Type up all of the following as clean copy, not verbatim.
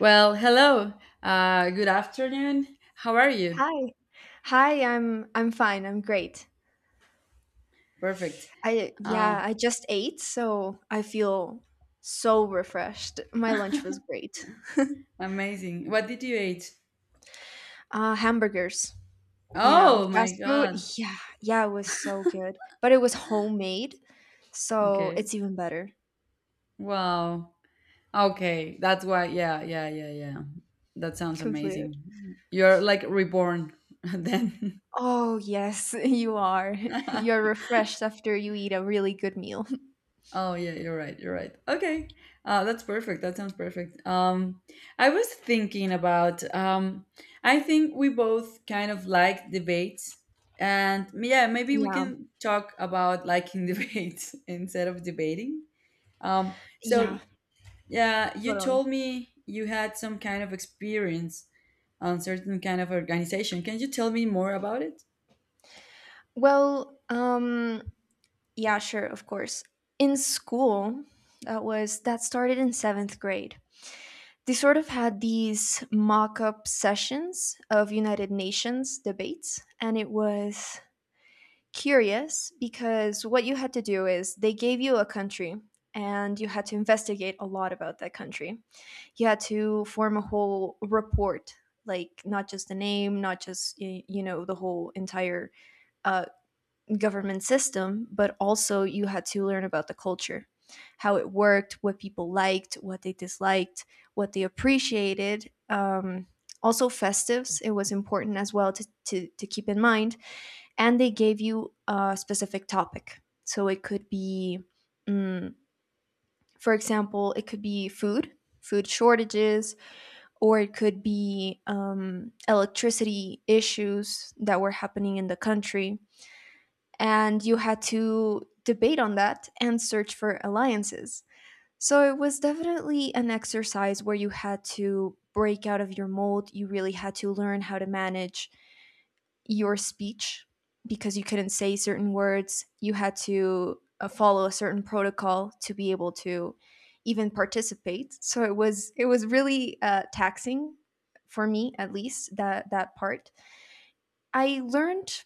Well, hello. Good afternoon. How are you? Hi. Hi, I'm fine. I'm great. Perfect. I yeah, Oh, I just ate, so I feel so refreshed. My lunch was great. amazing. What did you eat? Hamburgers, you know, Oh my fast food. God. Yeah, yeah, it was so good. But it was homemade, so Okay. it's even better. Wow. Okay. That's why. Yeah, yeah, yeah, yeah. That sounds Completed. amazing. You're like reborn then. Oh, yes, you are. You're refreshed after you eat a really good meal. Oh yeah, you're right. You're right. Okay, that's perfect. That sounds perfect. I was thinking about. I think we both kind of like debates, and yeah, maybe we Yeah. can talk about liking debates instead of debating. Um, so Yeah, yeah, you totally. told me you had some kind of experience on certain kind of organization. Can you tell me more about it? Well, um Yeah, sure, of course. In school, that started in seventh grade. They sort of had these mock-up sessions of United Nations debates, and it was curious because what you had to do is they gave you a country and you had to investigate a lot about that country. You had to form a whole report, like not just the name, not just you know the whole entire uh, government system, but also you had to learn about the culture, how it worked, what people liked, what they disliked, what they appreciated. Also, festives, it was important as well to keep in mind. And they gave you a specific topic. So it could be, mm, for example, it could be food, food shortages, or it could be electricity issues that were happening in the country and you had to debate on that and search for alliances. So it was definitely an exercise where you had to break out of your mold. You really had to learn how to manage your speech because you couldn't say certain words. You had to follow a certain protocol to be able to even participate. So it was really taxing for me, at least that part. I learned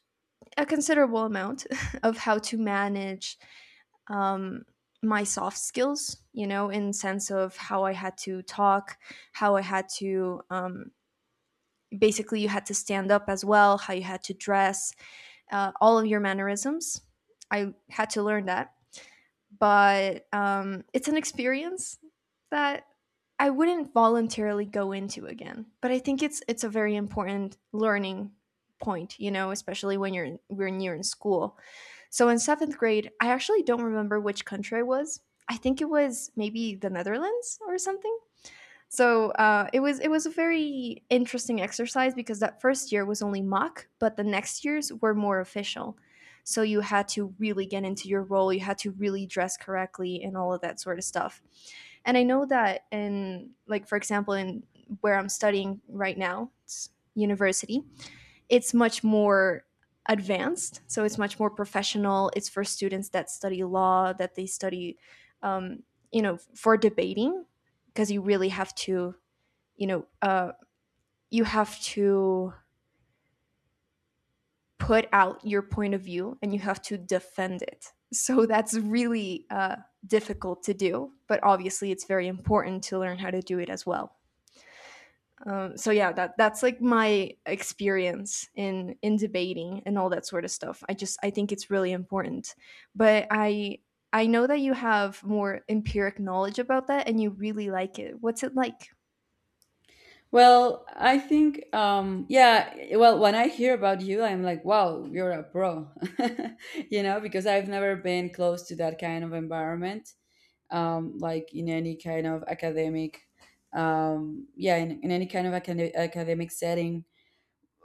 a considerable amount of how to manage um, my soft skills, you know, in sense of how I had to talk, how I had to, basically you had to stand up as well, how you had to dress, all of your mannerisms. I had to learn that. But it's an experience that I wouldn't voluntarily go into again, but I think it's a very important learning point, you know, especially when when you're in school. So in seventh grade, I actually don't remember which country I was. I think it was maybe the Netherlands or something. So it was a very interesting exercise because that first year was only mock, but the next years were more official. So you had to really get into your role. You had to really dress correctly and all of that sort of stuff. And I know that in like for example in where I'm studying right now, it's university, it's much more advanced. So it's much more professional. It's for students that study law, that they study, um, you know, for debating, because you really have to, you know, you have to put out your point of view and you have to defend it. So that's really difficult to do, but obviously it's very important to learn how to do it as well. So that's like my experience in debating and all that sort of stuff. I just I think it's really important, but I know that you have more empiric knowledge about that and you really like it. What's it like? Well, I think, yeah, well, when I hear about you, I'm like, wow, you're a pro, you know, because I've never been close to that kind of environment, like in any kind of academic, yeah, in any kind of academic setting.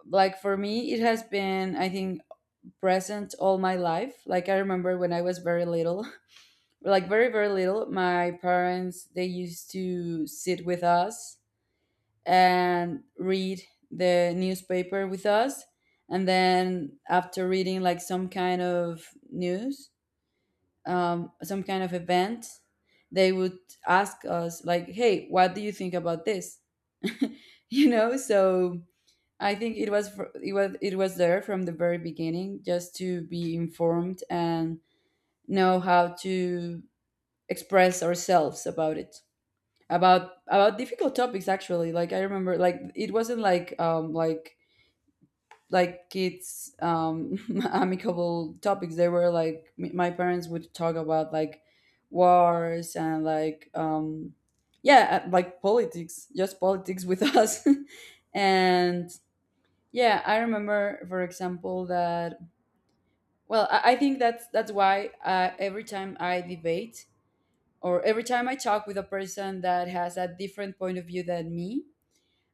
Like for me, it has been, I think, present all my life. Like I remember when I was very little, like very, very little, my parents, they used to sit with us and read the newspaper with us. And then after reading like some kind of news, some kind of event, they would ask us like, "Hey, what do you think about this?" You know. So I think it was there from the very beginning, just to be informed and know how to express ourselves about it, about difficult topics. Actually, like I remember, like it wasn't like kids amicable topics. They were like, my parents would talk about like wars and like yeah, like politics, just politics, with us. And yeah, I remember, for example, that well I think that's why every time I debate or every time I talk with a person that has a different point of view than me,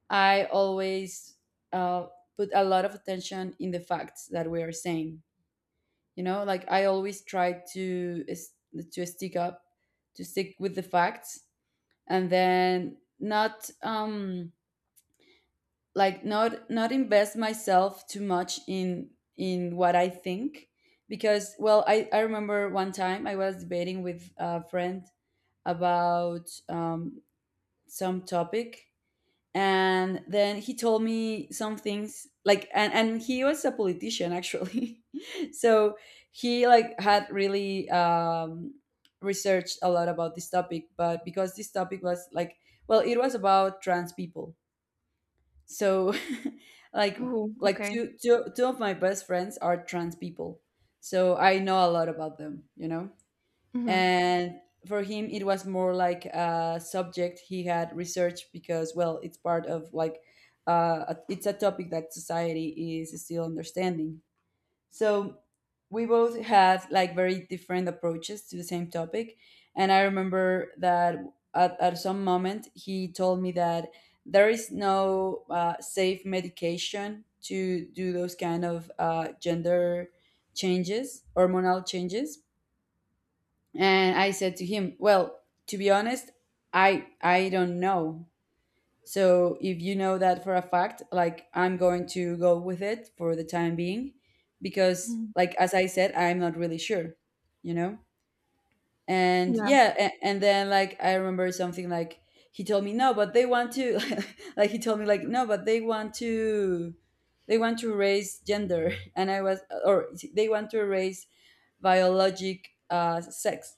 I always uh, put a lot of attention in the facts that we are saying. You know, like I always try to stick up, to stick with the facts, and then not like not invest myself too much in what I think, because well I remember one time I was debating with a friend about some topic, and then he told me some things like, and he was a politician, actually. So he like had really researched a lot about this topic. But because this topic was like, well, it was about trans people, so like Oh, like okay. two of my best friends are trans people, so I know a lot about them, you know. Hmm. And for him it was more like a subject he had researched, because well it's part of like, it's a topic that society is still understanding. So we both had like very different approaches to the same topic. And I remember that at some moment he told me that there is no safe medication to do those kind of gender changes, hormonal changes. And I said to him, "Well, to be honest, I don't know. So if you know that for a fact, like I'm going to go with it for the time being, because like as I said, I'm not really sure, you know?" And Yeah. yeah, and then like I remember something like he told me, "No, but they want to" like he told me like, "No, but they want to, they want to erase gender." And I was, or they want to erase biologic sex.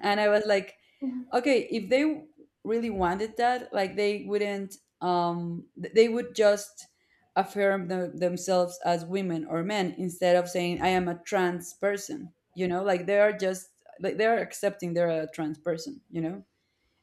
And I was like, Mhm. okay, if they really wanted that, like they wouldn't they would just affirm themselves as women or men, instead of saying I am a trans person, you know. Like they are just, like they're accepting they're a trans person, you know.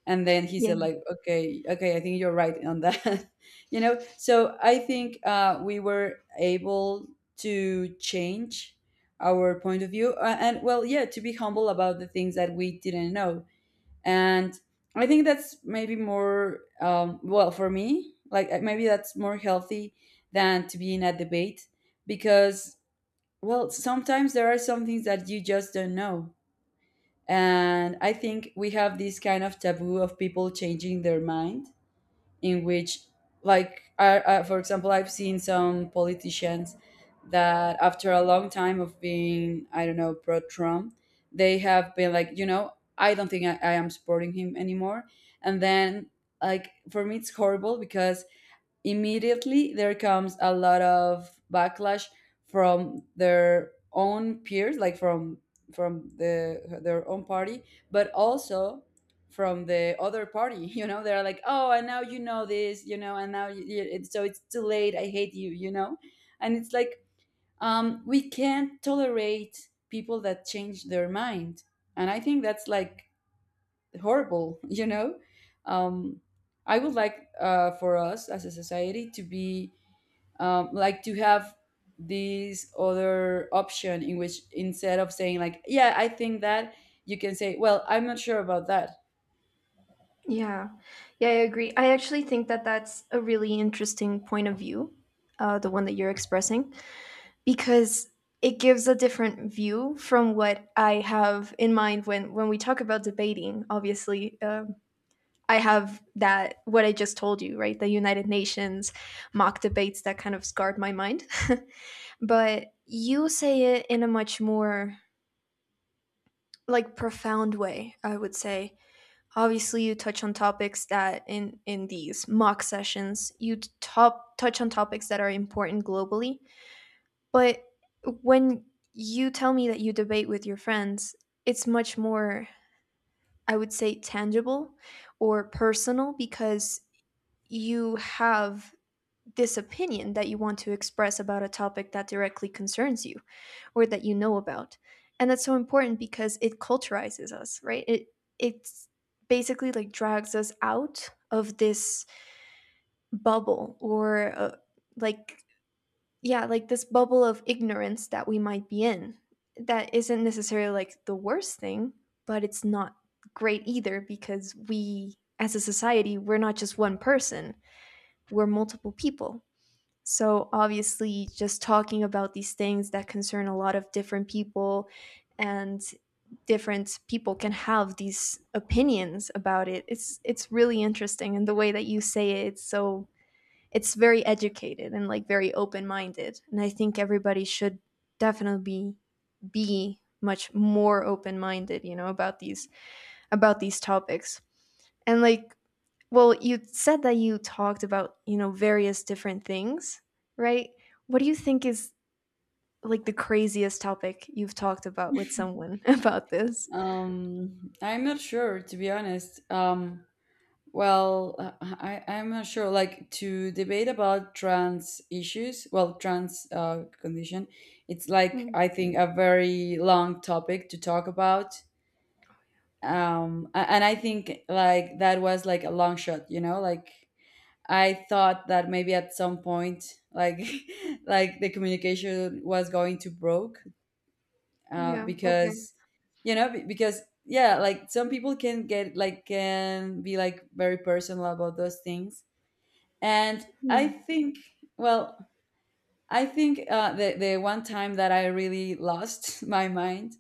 And then he Yeah. said like, okay, okay, I think you're right on that. You know. So I think we were able to change our point of view, and well yeah, to be humble about the things that we didn't know. And I think that's maybe more well for me like, maybe that's more healthy than to be in a debate. Because well, sometimes there are some things that you just don't know. And I think we have this kind of taboo of people changing their mind, in which like for example, I've seen some politicians that after a long time of being, I don't know, pro Trump, they have been like, you know, I don't think I am supporting him anymore. And then like for me it's horrible, because immediately there comes a lot of backlash from their own peers, like from the, their own party, but also from the other party. You know, they're like, oh, and now you know this, you know, and now so it's too late, I hate you, you know. And it's like, we can't tolerate people that change their mind. And I think that's like horrible. You know. um I would like for us as a society to be, like to have this other option, in which instead of saying like, yeah, I think that, you can say, well, I'm not sure about that. Yeah, yeah, I agree. I actually think that that's a really interesting point of view, the one that you're expressing, because it gives a different view from what I have in mind when we talk about debating. Obviously, I have that what I just told you, right? The United Nations mock debates that kind of scarred my mind, but you say it in a much more like profound way, I would say. Obviously, you touch on topics that in these mock sessions you top touch on topics that are important globally. But when you tell me that you debate with your friends, it's much more, I would say, tangible or personal because you have this opinion that you want to express about a topic that directly concerns you or that you know about. And that's so important because it culturizes us, right? It's basically like drags us out of this bubble or like yeah, like this bubble of ignorance that we might be in. That isn't necessarily like the worst thing, but it's not great either because we, as a society, we're not just one person, we're multiple people. So, obviously, just talking about these things that concern a lot of different people and different people can have these opinions about it. It's really interesting, and the way that you say it, it's very educated and like very open minded, and I think everybody should definitely be much more open minded, you know, about these topics. And, like, well, you said that you talked about, you know, various different things, right? What do you think is like the craziest topic you've talked about with someone about this? I'm not sure, to be honest. Well, I'm not sure. Like to debate about trans issues, well, trans condition, it's like, Mm, I think, a very long topic to talk about. And I think like that was like a long shot, you know. Like I thought that maybe at some point, like like the communication was going to broke, yeah, okay. because you know, because yeah, like some people can get like, can be like very personal about those things. And Hmm. I think, well, I think the one time that I really lost my mind,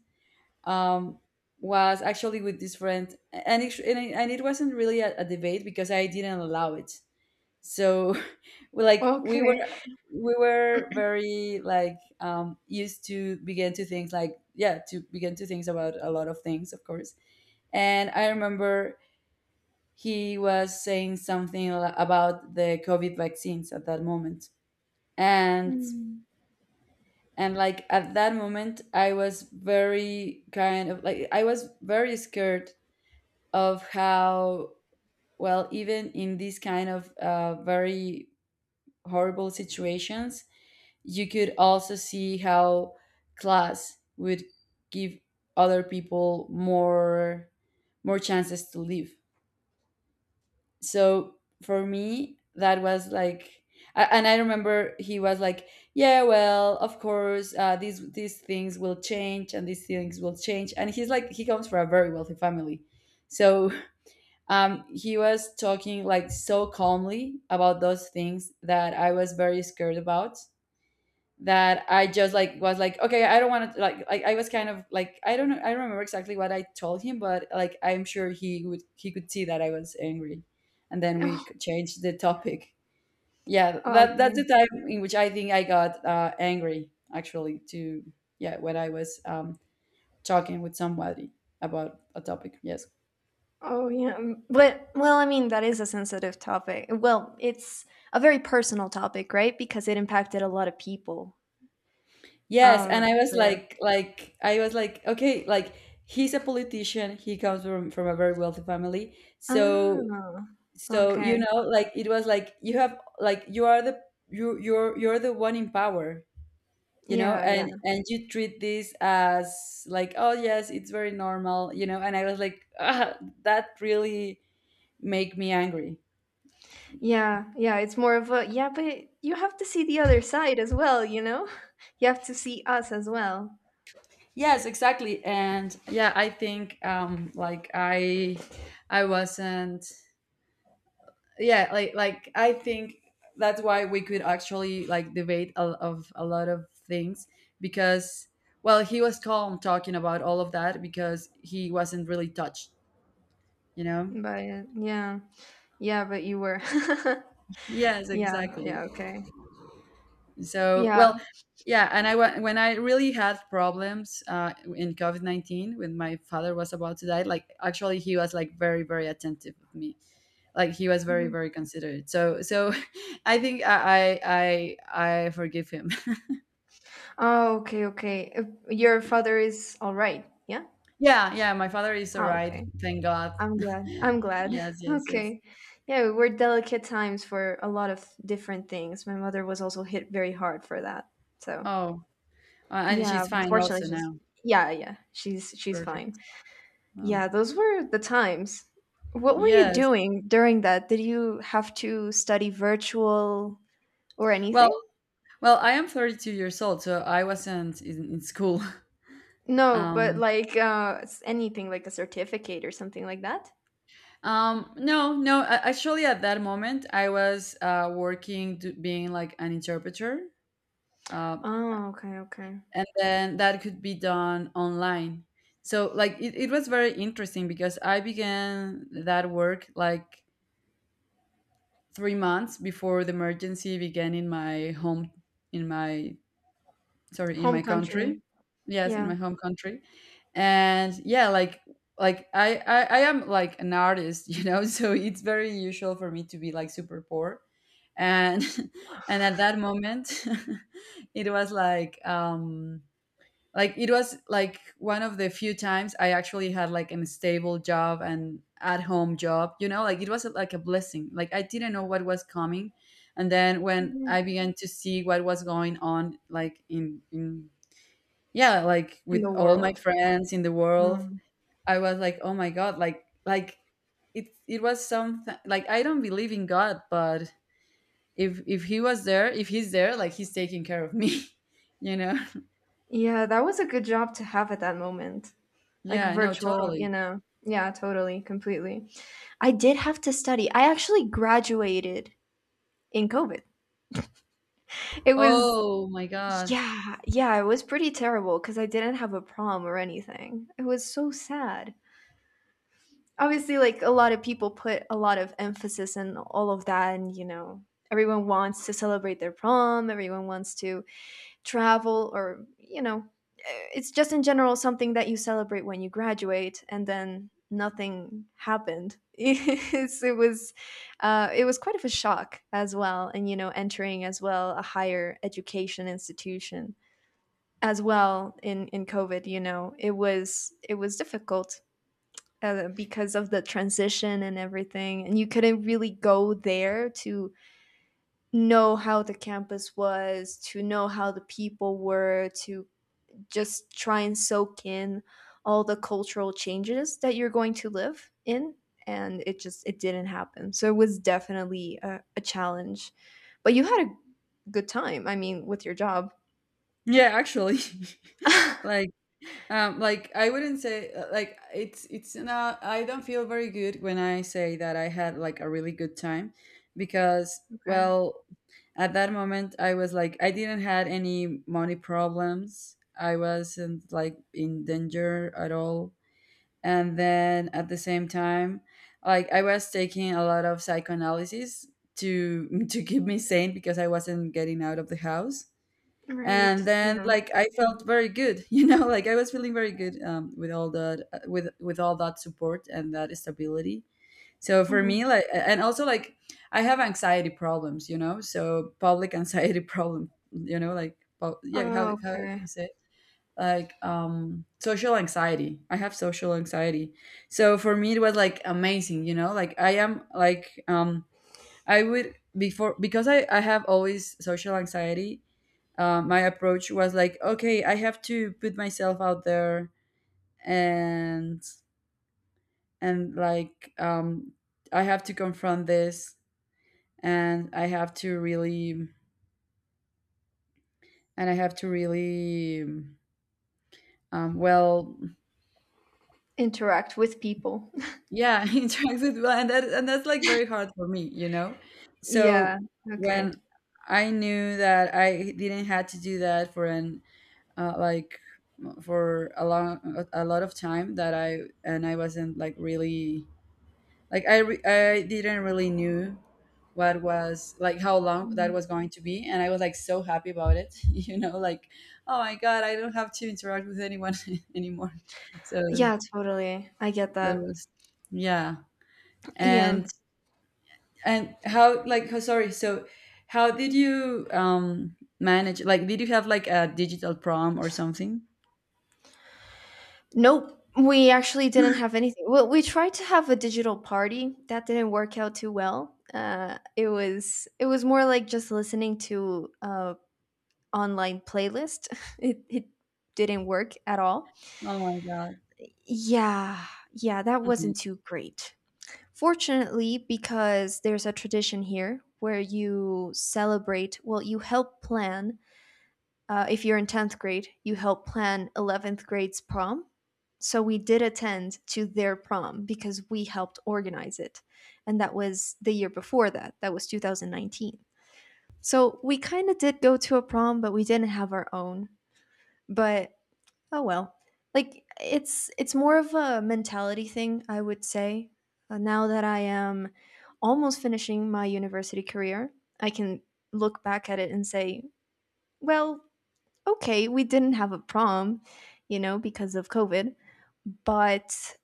um, was actually with this friend. And it wasn't really a debate, because I didn't allow it. So, we, like we were, Okay. we were very like, used to begin to think, like yeah, to begin to think about a lot of things, of course. And I remember he was saying something about the COVID vaccines at that moment, and Mm. and like at that moment I was very kind of like, I was very scared of how, well, even in these kind of very horrible situations, you could also see how class would give other people more, more chances to live. So for me that was like, and I remember he was like, yeah, well of course, these things will change and these things will change. And he's like, he comes from a very wealthy family. So he was talking like so calmly about those things that I was very scared about, that I just like was like, okay, I don't want to, like I was kind of like, I don't know, I don't remember exactly what I told him, but like I'm sure he would, he could see that I was angry. And then Oh, we changed the topic. Yeah, that that's okay. the time in which I think I got angry, actually. To, yeah, when I was talking with somebody about a topic, yes. Oh yeah, but well, I mean that is a sensitive topic. Well, it's a very personal topic, right? Because it impacted a lot of people. Yes, and I was So yeah. Like I was like, okay, like he's a politician. He comes from a very wealthy family, so Ah, so you okay. know, like it was like, you have, like you are the, you're the one in power, you know, Yeah, yeah, and you treat this as like, oh yes, it's very normal, you know, and I was like, ah, that really make me angry. yeah, yeah. It's more of a yeah, but you have to see the other side as well. You know, you have to see us as well. Yes, exactly, and yeah, I think like I wasn't, yeah like I think that's why we could actually like debate, a lot of things, because well he was calm talking about all of that because he wasn't really touched, you know. But yeah, yeah, but you were. Yes, Yeah, exactly. yeah. Okay. So Yeah. well, yeah, and when I really had problems in covid-19, when my father was about to die, like actually he was like very very attentive of me, like he was very Mhm. very considerate. So so I think I forgive him. Oh, okay, okay. Your father is all right. Yeah. Yeah, yeah, my father is all Oh, right, okay. thank God. I'm glad. I'm glad. Yes, yes, yes. Okay. Yeah, we're delicate times for a lot of different things. My mother was also hit very hard for that. So, Oh, and yeah, she's fine also fortunately she's now. yeah, yeah. She's Perfect. fine. Oh, Yeah, those were the times. What were you yes. doing during that? Did you have to study virtual or Well, anything? well, I am 32 years old, so I wasn't in school. No, but Um, like anything like a certificate or something like that? No, no, actually at that moment I was working to being like an interpreter. Uh, Oh, okay, okay. and then that could be done online. So like it was very interesting because I began that work like 3 months before the emergency began in my home in my sorry in Home my country, country. yes, in my Yeah. home country. And yeah, I am like an artist you know, so it's very usual for me to be like super poor and and at that moment it was like it was like one of the few times I actually had like a stable job and at home job, you know, like it was like a blessing. Like I didn't know what was coming. And then when Mhm. I began to see what was going on, like in yeah, like In with the all my world. friends in the world, Mm. I was like, oh my god, like it, it was something like, I don't believe in god, but if he was there, if he's there, like he's taking care of me, you know. Yeah, that was a good job to have at that moment. Like Yeah, no, virtual, totally. you know. Yeah, totally, completely. I did have to study. I actually graduated in COVID. It was, Oh my God. yeah, yeah, it was pretty terrible because I didn't have a prom or anything. It was so sad. Obviously, like a lot of people put a lot of emphasis in all of that, and you know, everyone wants to celebrate their prom, everyone wants to travel, or you know, it's just in general something that you celebrate when you graduate and then nothing happened. It was it was quite of a shock as well. And you know, entering as well a higher education institution as well in COVID, you know, it was difficult because of the transition and everything, and you couldn't really go there to know how the campus was, to know how the people were, to just try and soak in all the cultural changes that you're going to live in. And it just it didn't happen, so it was definitely a challenge. But you had a good time, I mean, with your job. Yeah, actually. Okay. Like like I wouldn't say like it's not, I don't feel very good when I say that I had like a really good time, because, well, at that moment I was like, I didn't had any money problems. I wasn't like in danger at all. And then at the same time, like I was taking a lot of psychoanalysis to to keep me sane because I wasn't getting out of the house. Right, And then yeah. like I felt very good, you know, like I was feeling very good, with all that, with all that support and that stability. So for Hmm. me like and also like I have anxiety problems, you know, so public anxiety problem, you know, like yeah, how, Oh, how do okay. you say it? Like social anxiety, I have social anxiety. So for me it was like amazing, you know, like I am like I would before, because I have always social anxiety. My approach was like, okay, I have to put myself out there, and and I have to confront this. And I have to really, and I have to really, um well Interact with people. yeah interact with, well, and that, and that's like very hard for me, you know. Yeah. So Okay. when I knew that I didn't had to do that for an like for a long a lot of time, that I, and I wasn't like really, like I didn't really knew what was, like how long that Mhm. was going to be, and I was like so happy about it, you know, like, oh my god, I don't have to interact with anyone anymore. So Yeah, totally, I get that that. was, yeah. Yeah. and and how like how sorry, so how did you manage, like did you have like a digital prom or something? Nope, we actually didn't have anything. Well, we tried to have a digital party. That didn't work out too well. It was more like just listening to a online playlist. It didn't work at all. Oh my Yeah, yeah, that god. wasn't too great. Fortunately, because there's a tradition here where you celebrate, well, you help plan if you're in 10th grade, you help plan 11th grade's prom. So we did attend to their prom because we helped organize it. And that was the year before that, that was 2019. So we kind of did go to a prom, but we didn't have our own. But oh well. Like it's more of a mentality thing, I would say. Now that I am almost finishing my university career, I can look back at it and say, well, okay, we didn't have a prom, you know, because of COVID, but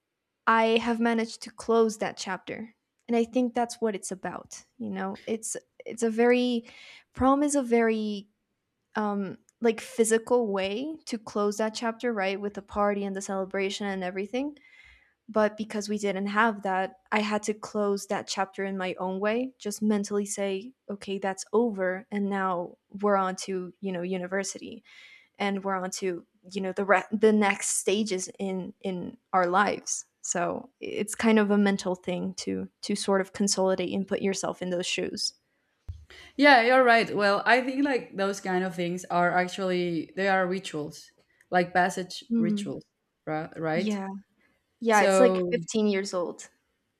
I have managed to close that chapter. And I think that's what it's about, you know. It's a very prom is a very like physical way to close that chapter, right, with the party and the celebration and everything. But because we didn't have that, I had to close that chapter in my own way, just mentally say, okay, that's over and now we're on to, you know, university, and we're on to, you know, the next stages in our lives. So it's kind of a mental thing to sort of consolidate and put yourself in those shoes. Yeah, you're right. Well, I think like those kind of things are actually, they are rituals, like passage Mm, rituals, right? yeah. Yeah, it's like So 15 years old,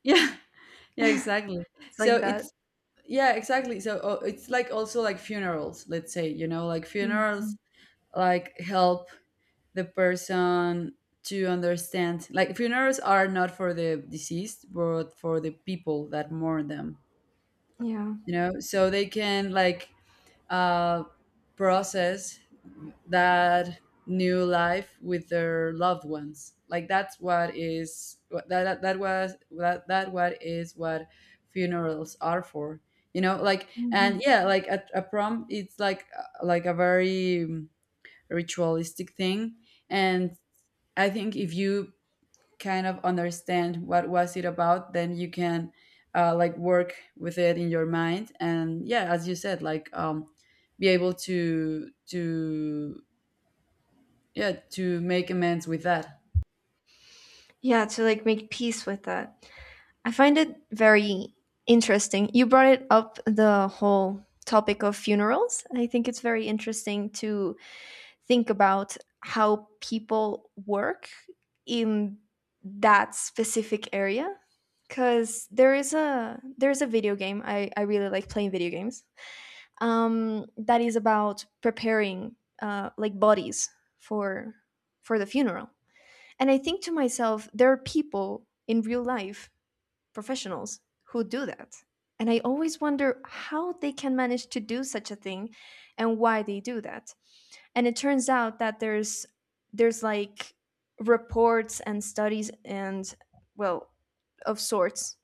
yeah, yeah, exactly. it's So like that. it's, yeah, exactly. So it's like also like funerals. Let's say, you know, like funerals Mhm. like help the person to understand. Like funerals are not for the deceased, but for the people that mourn them. Yeah. You know, so they can like uh, process that new life with their loved ones. Like that's what is, that that what is what funerals are for, you know. Like and Mhm. yeah, like a prom, it's like a very ritualistic thing. And I think if you kind of understand what was it about, then you can like work with it in your mind. And yeah, as you said, like be able to yeah, to make amends with that. Yeah, to like make peace with that. I find it very interesting you brought it up, the whole topic of funerals. I think it's very interesting to think about how people work in that specific area, because there's a video game. I really like playing video games that is about preparing like bodies for for the funeral. And I think to myself, there are people in real life, professionals who do that. And I always wonder how they can manage to do such a thing and why they do that. And it turns out that there's like reports and studies and, well, of sorts,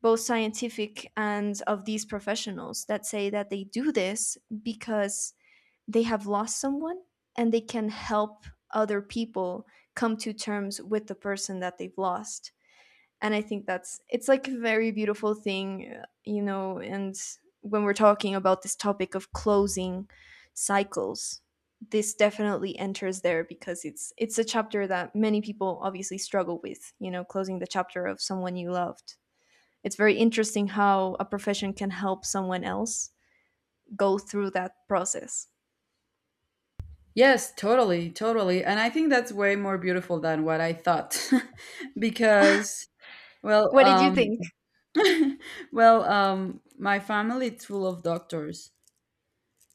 both scientific and of these professionals, that say that they do this because they have lost someone and they can help other people come to terms with the person that they've lost. And I think that's, it's like a very beautiful thing, you know. And when we're talking about this topic of closing cycles, this definitely enters there, because it's a chapter that many people obviously struggle with, you know, closing the chapter of someone you loved. It's very interesting how a profession can help someone else go through that process. Yes, totally, totally. And I think that's way more beautiful than what I thought, because, well What did you think? well, my family is full of doctors.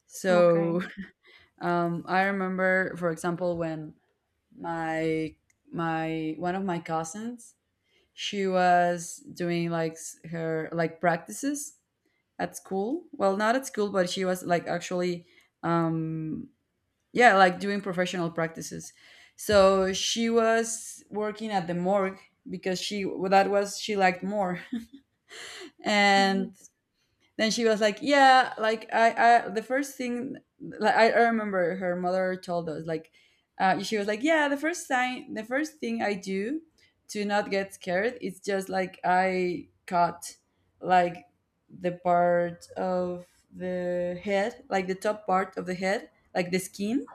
So Okay. I remember for example when my my one of my cousins, she was doing like her like practices at school, well not at school, but she was like actually um yeah, like doing professional practices. So she was working at the morgue because she, that was she liked more. Mhm. And then she was like, yeah, like I the first thing, like I remember her mother told us like, she was like, yeah, the first sign, the first thing I do to not get scared is just like I cut, like the part of the head, like the top part of the head, like the skin,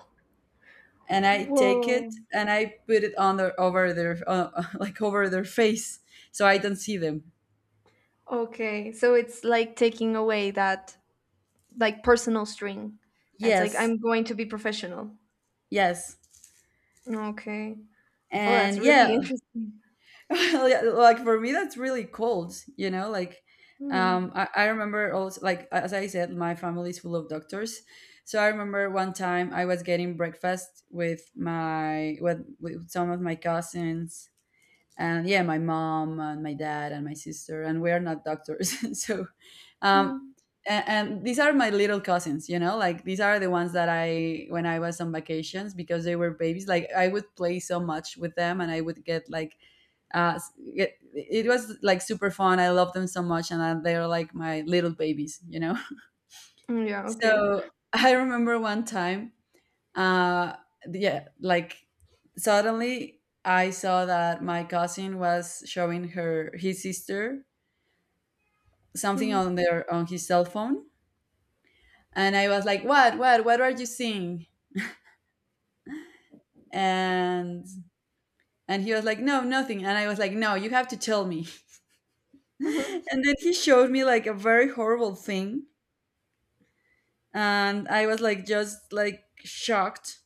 and I take it Whoa. and I put it on their, over their, like over their face, so I don't see them. Okay, so it's like taking away that like personal string. And it's like Yes, I'm going to be professional. yes. Okay. Well, And that's really yeah interesting. Yeah, like for me that's really cold, you know. Like Hmm. I remember also, like as I said, my family is full of doctors. So I remember one time I was getting breakfast with with some of my cousins, and yeah, my mom and my dad and my sister, and we're not doctors. So um Mm. And these are my little cousins, you know, like these are the ones that I, when I was on vacations, because they were babies, like I would play so much with them, and I would get like, it was like super fun. I love them so much, and I, they're like my little babies, you know. Mm, yeah. Okay. So I remember one time, uh, yeah, like suddenly I saw that my cousin was showing her his sister something on Mhm. their, on his cell phone, and I was like, "What? What? What are you seeing?" And and he was like, "No, nothing." And I was like, "No, you have to tell me." Mhm. And then he showed me like a very horrible thing, and I was like just like shocked.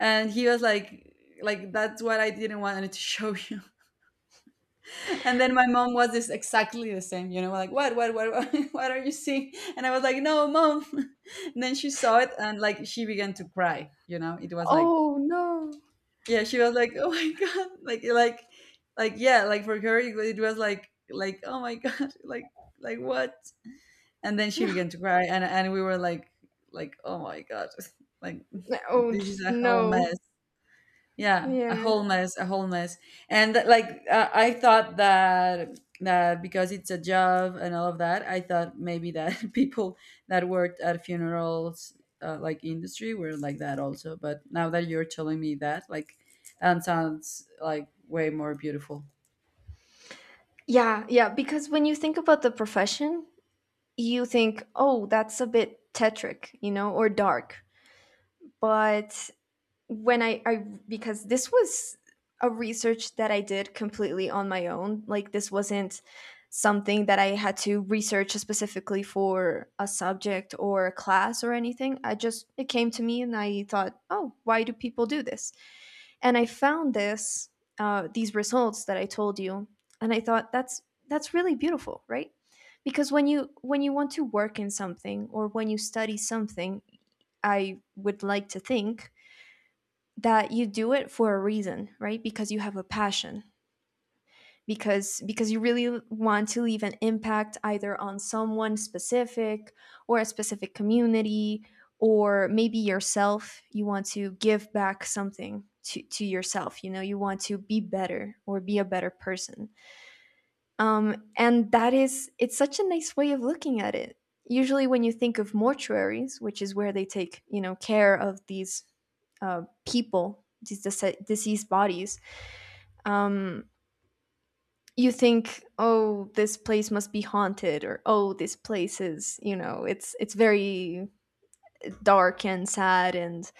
And he was like that's what I didn't want to show you. And then my mom was this exactly the same, you know, like what, what are you seeing? And I was like, no, mom. And then she saw it and like she began to cry, you know. It was like, Oh no. yeah, she was like, oh my god, like, yeah, like for her it was like, oh my god, like what? And then she began to cry, and we were like oh my god, like, Oh this is just, a whole no. mess. Yeah, Yeah. a whole mess, a whole mess. And like, I thought that, that because it's a job and all of that, I thought maybe that people that worked at funerals, like industry, were like that also, but now that you're telling me that, like that sounds like way more beautiful. Yeah. Yeah. Because when you think about the profession, you think, oh, that's a bit tetric, you know, or dark. But when I because this was a research that I did completely on my own. Like this wasn't something that I had to research specifically for a subject or a class or anything. I just it came to me and I thought, oh, why do people do this? And I found this these results that I told you, and I thought that's really beautiful, right? Because when you want to work in something or when you study something, I would like to think that you do it for a reason, right? Because you have a passion. Because you really want to leave an impact either on someone specific or a specific community or maybe yourself. You want to give back something to yourself. You know, you want to be better or be a better person. And that is, it's such a nice way of looking at it. Usually, when you think of mortuaries, which is where they take, you know, care of these people, these deceased bodies, um, you think, oh, this place must be haunted, or oh, this place is, you know, it's very dark and sad and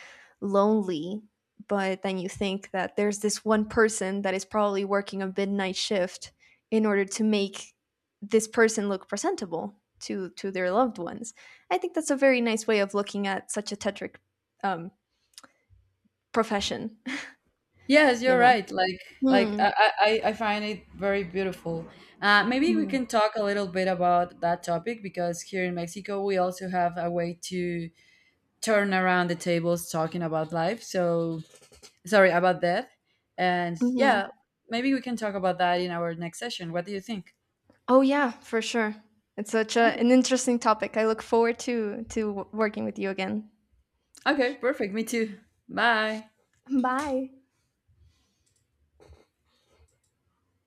lonely. But then you think that there's this one person that is probably working a midnight shift in order to make this person look presentable to their loved ones. I think that's a very nice way of looking at such a tetric um, profession. Yes, You you're know. right. Like Hmm. I find it very beautiful. Maybe we Yeah. can talk a little bit about that topic, because here in Mexico we also have a way to turn around the tables talking about life. So, sorry, about death. And Hmm. yeah, maybe we can talk about that in our next session. What do you think? Oh yeah, for sure. It's such a, Okay. an interesting topic. I look forward to working with you again. Okay. Perfect. Me too. Bye. Bye.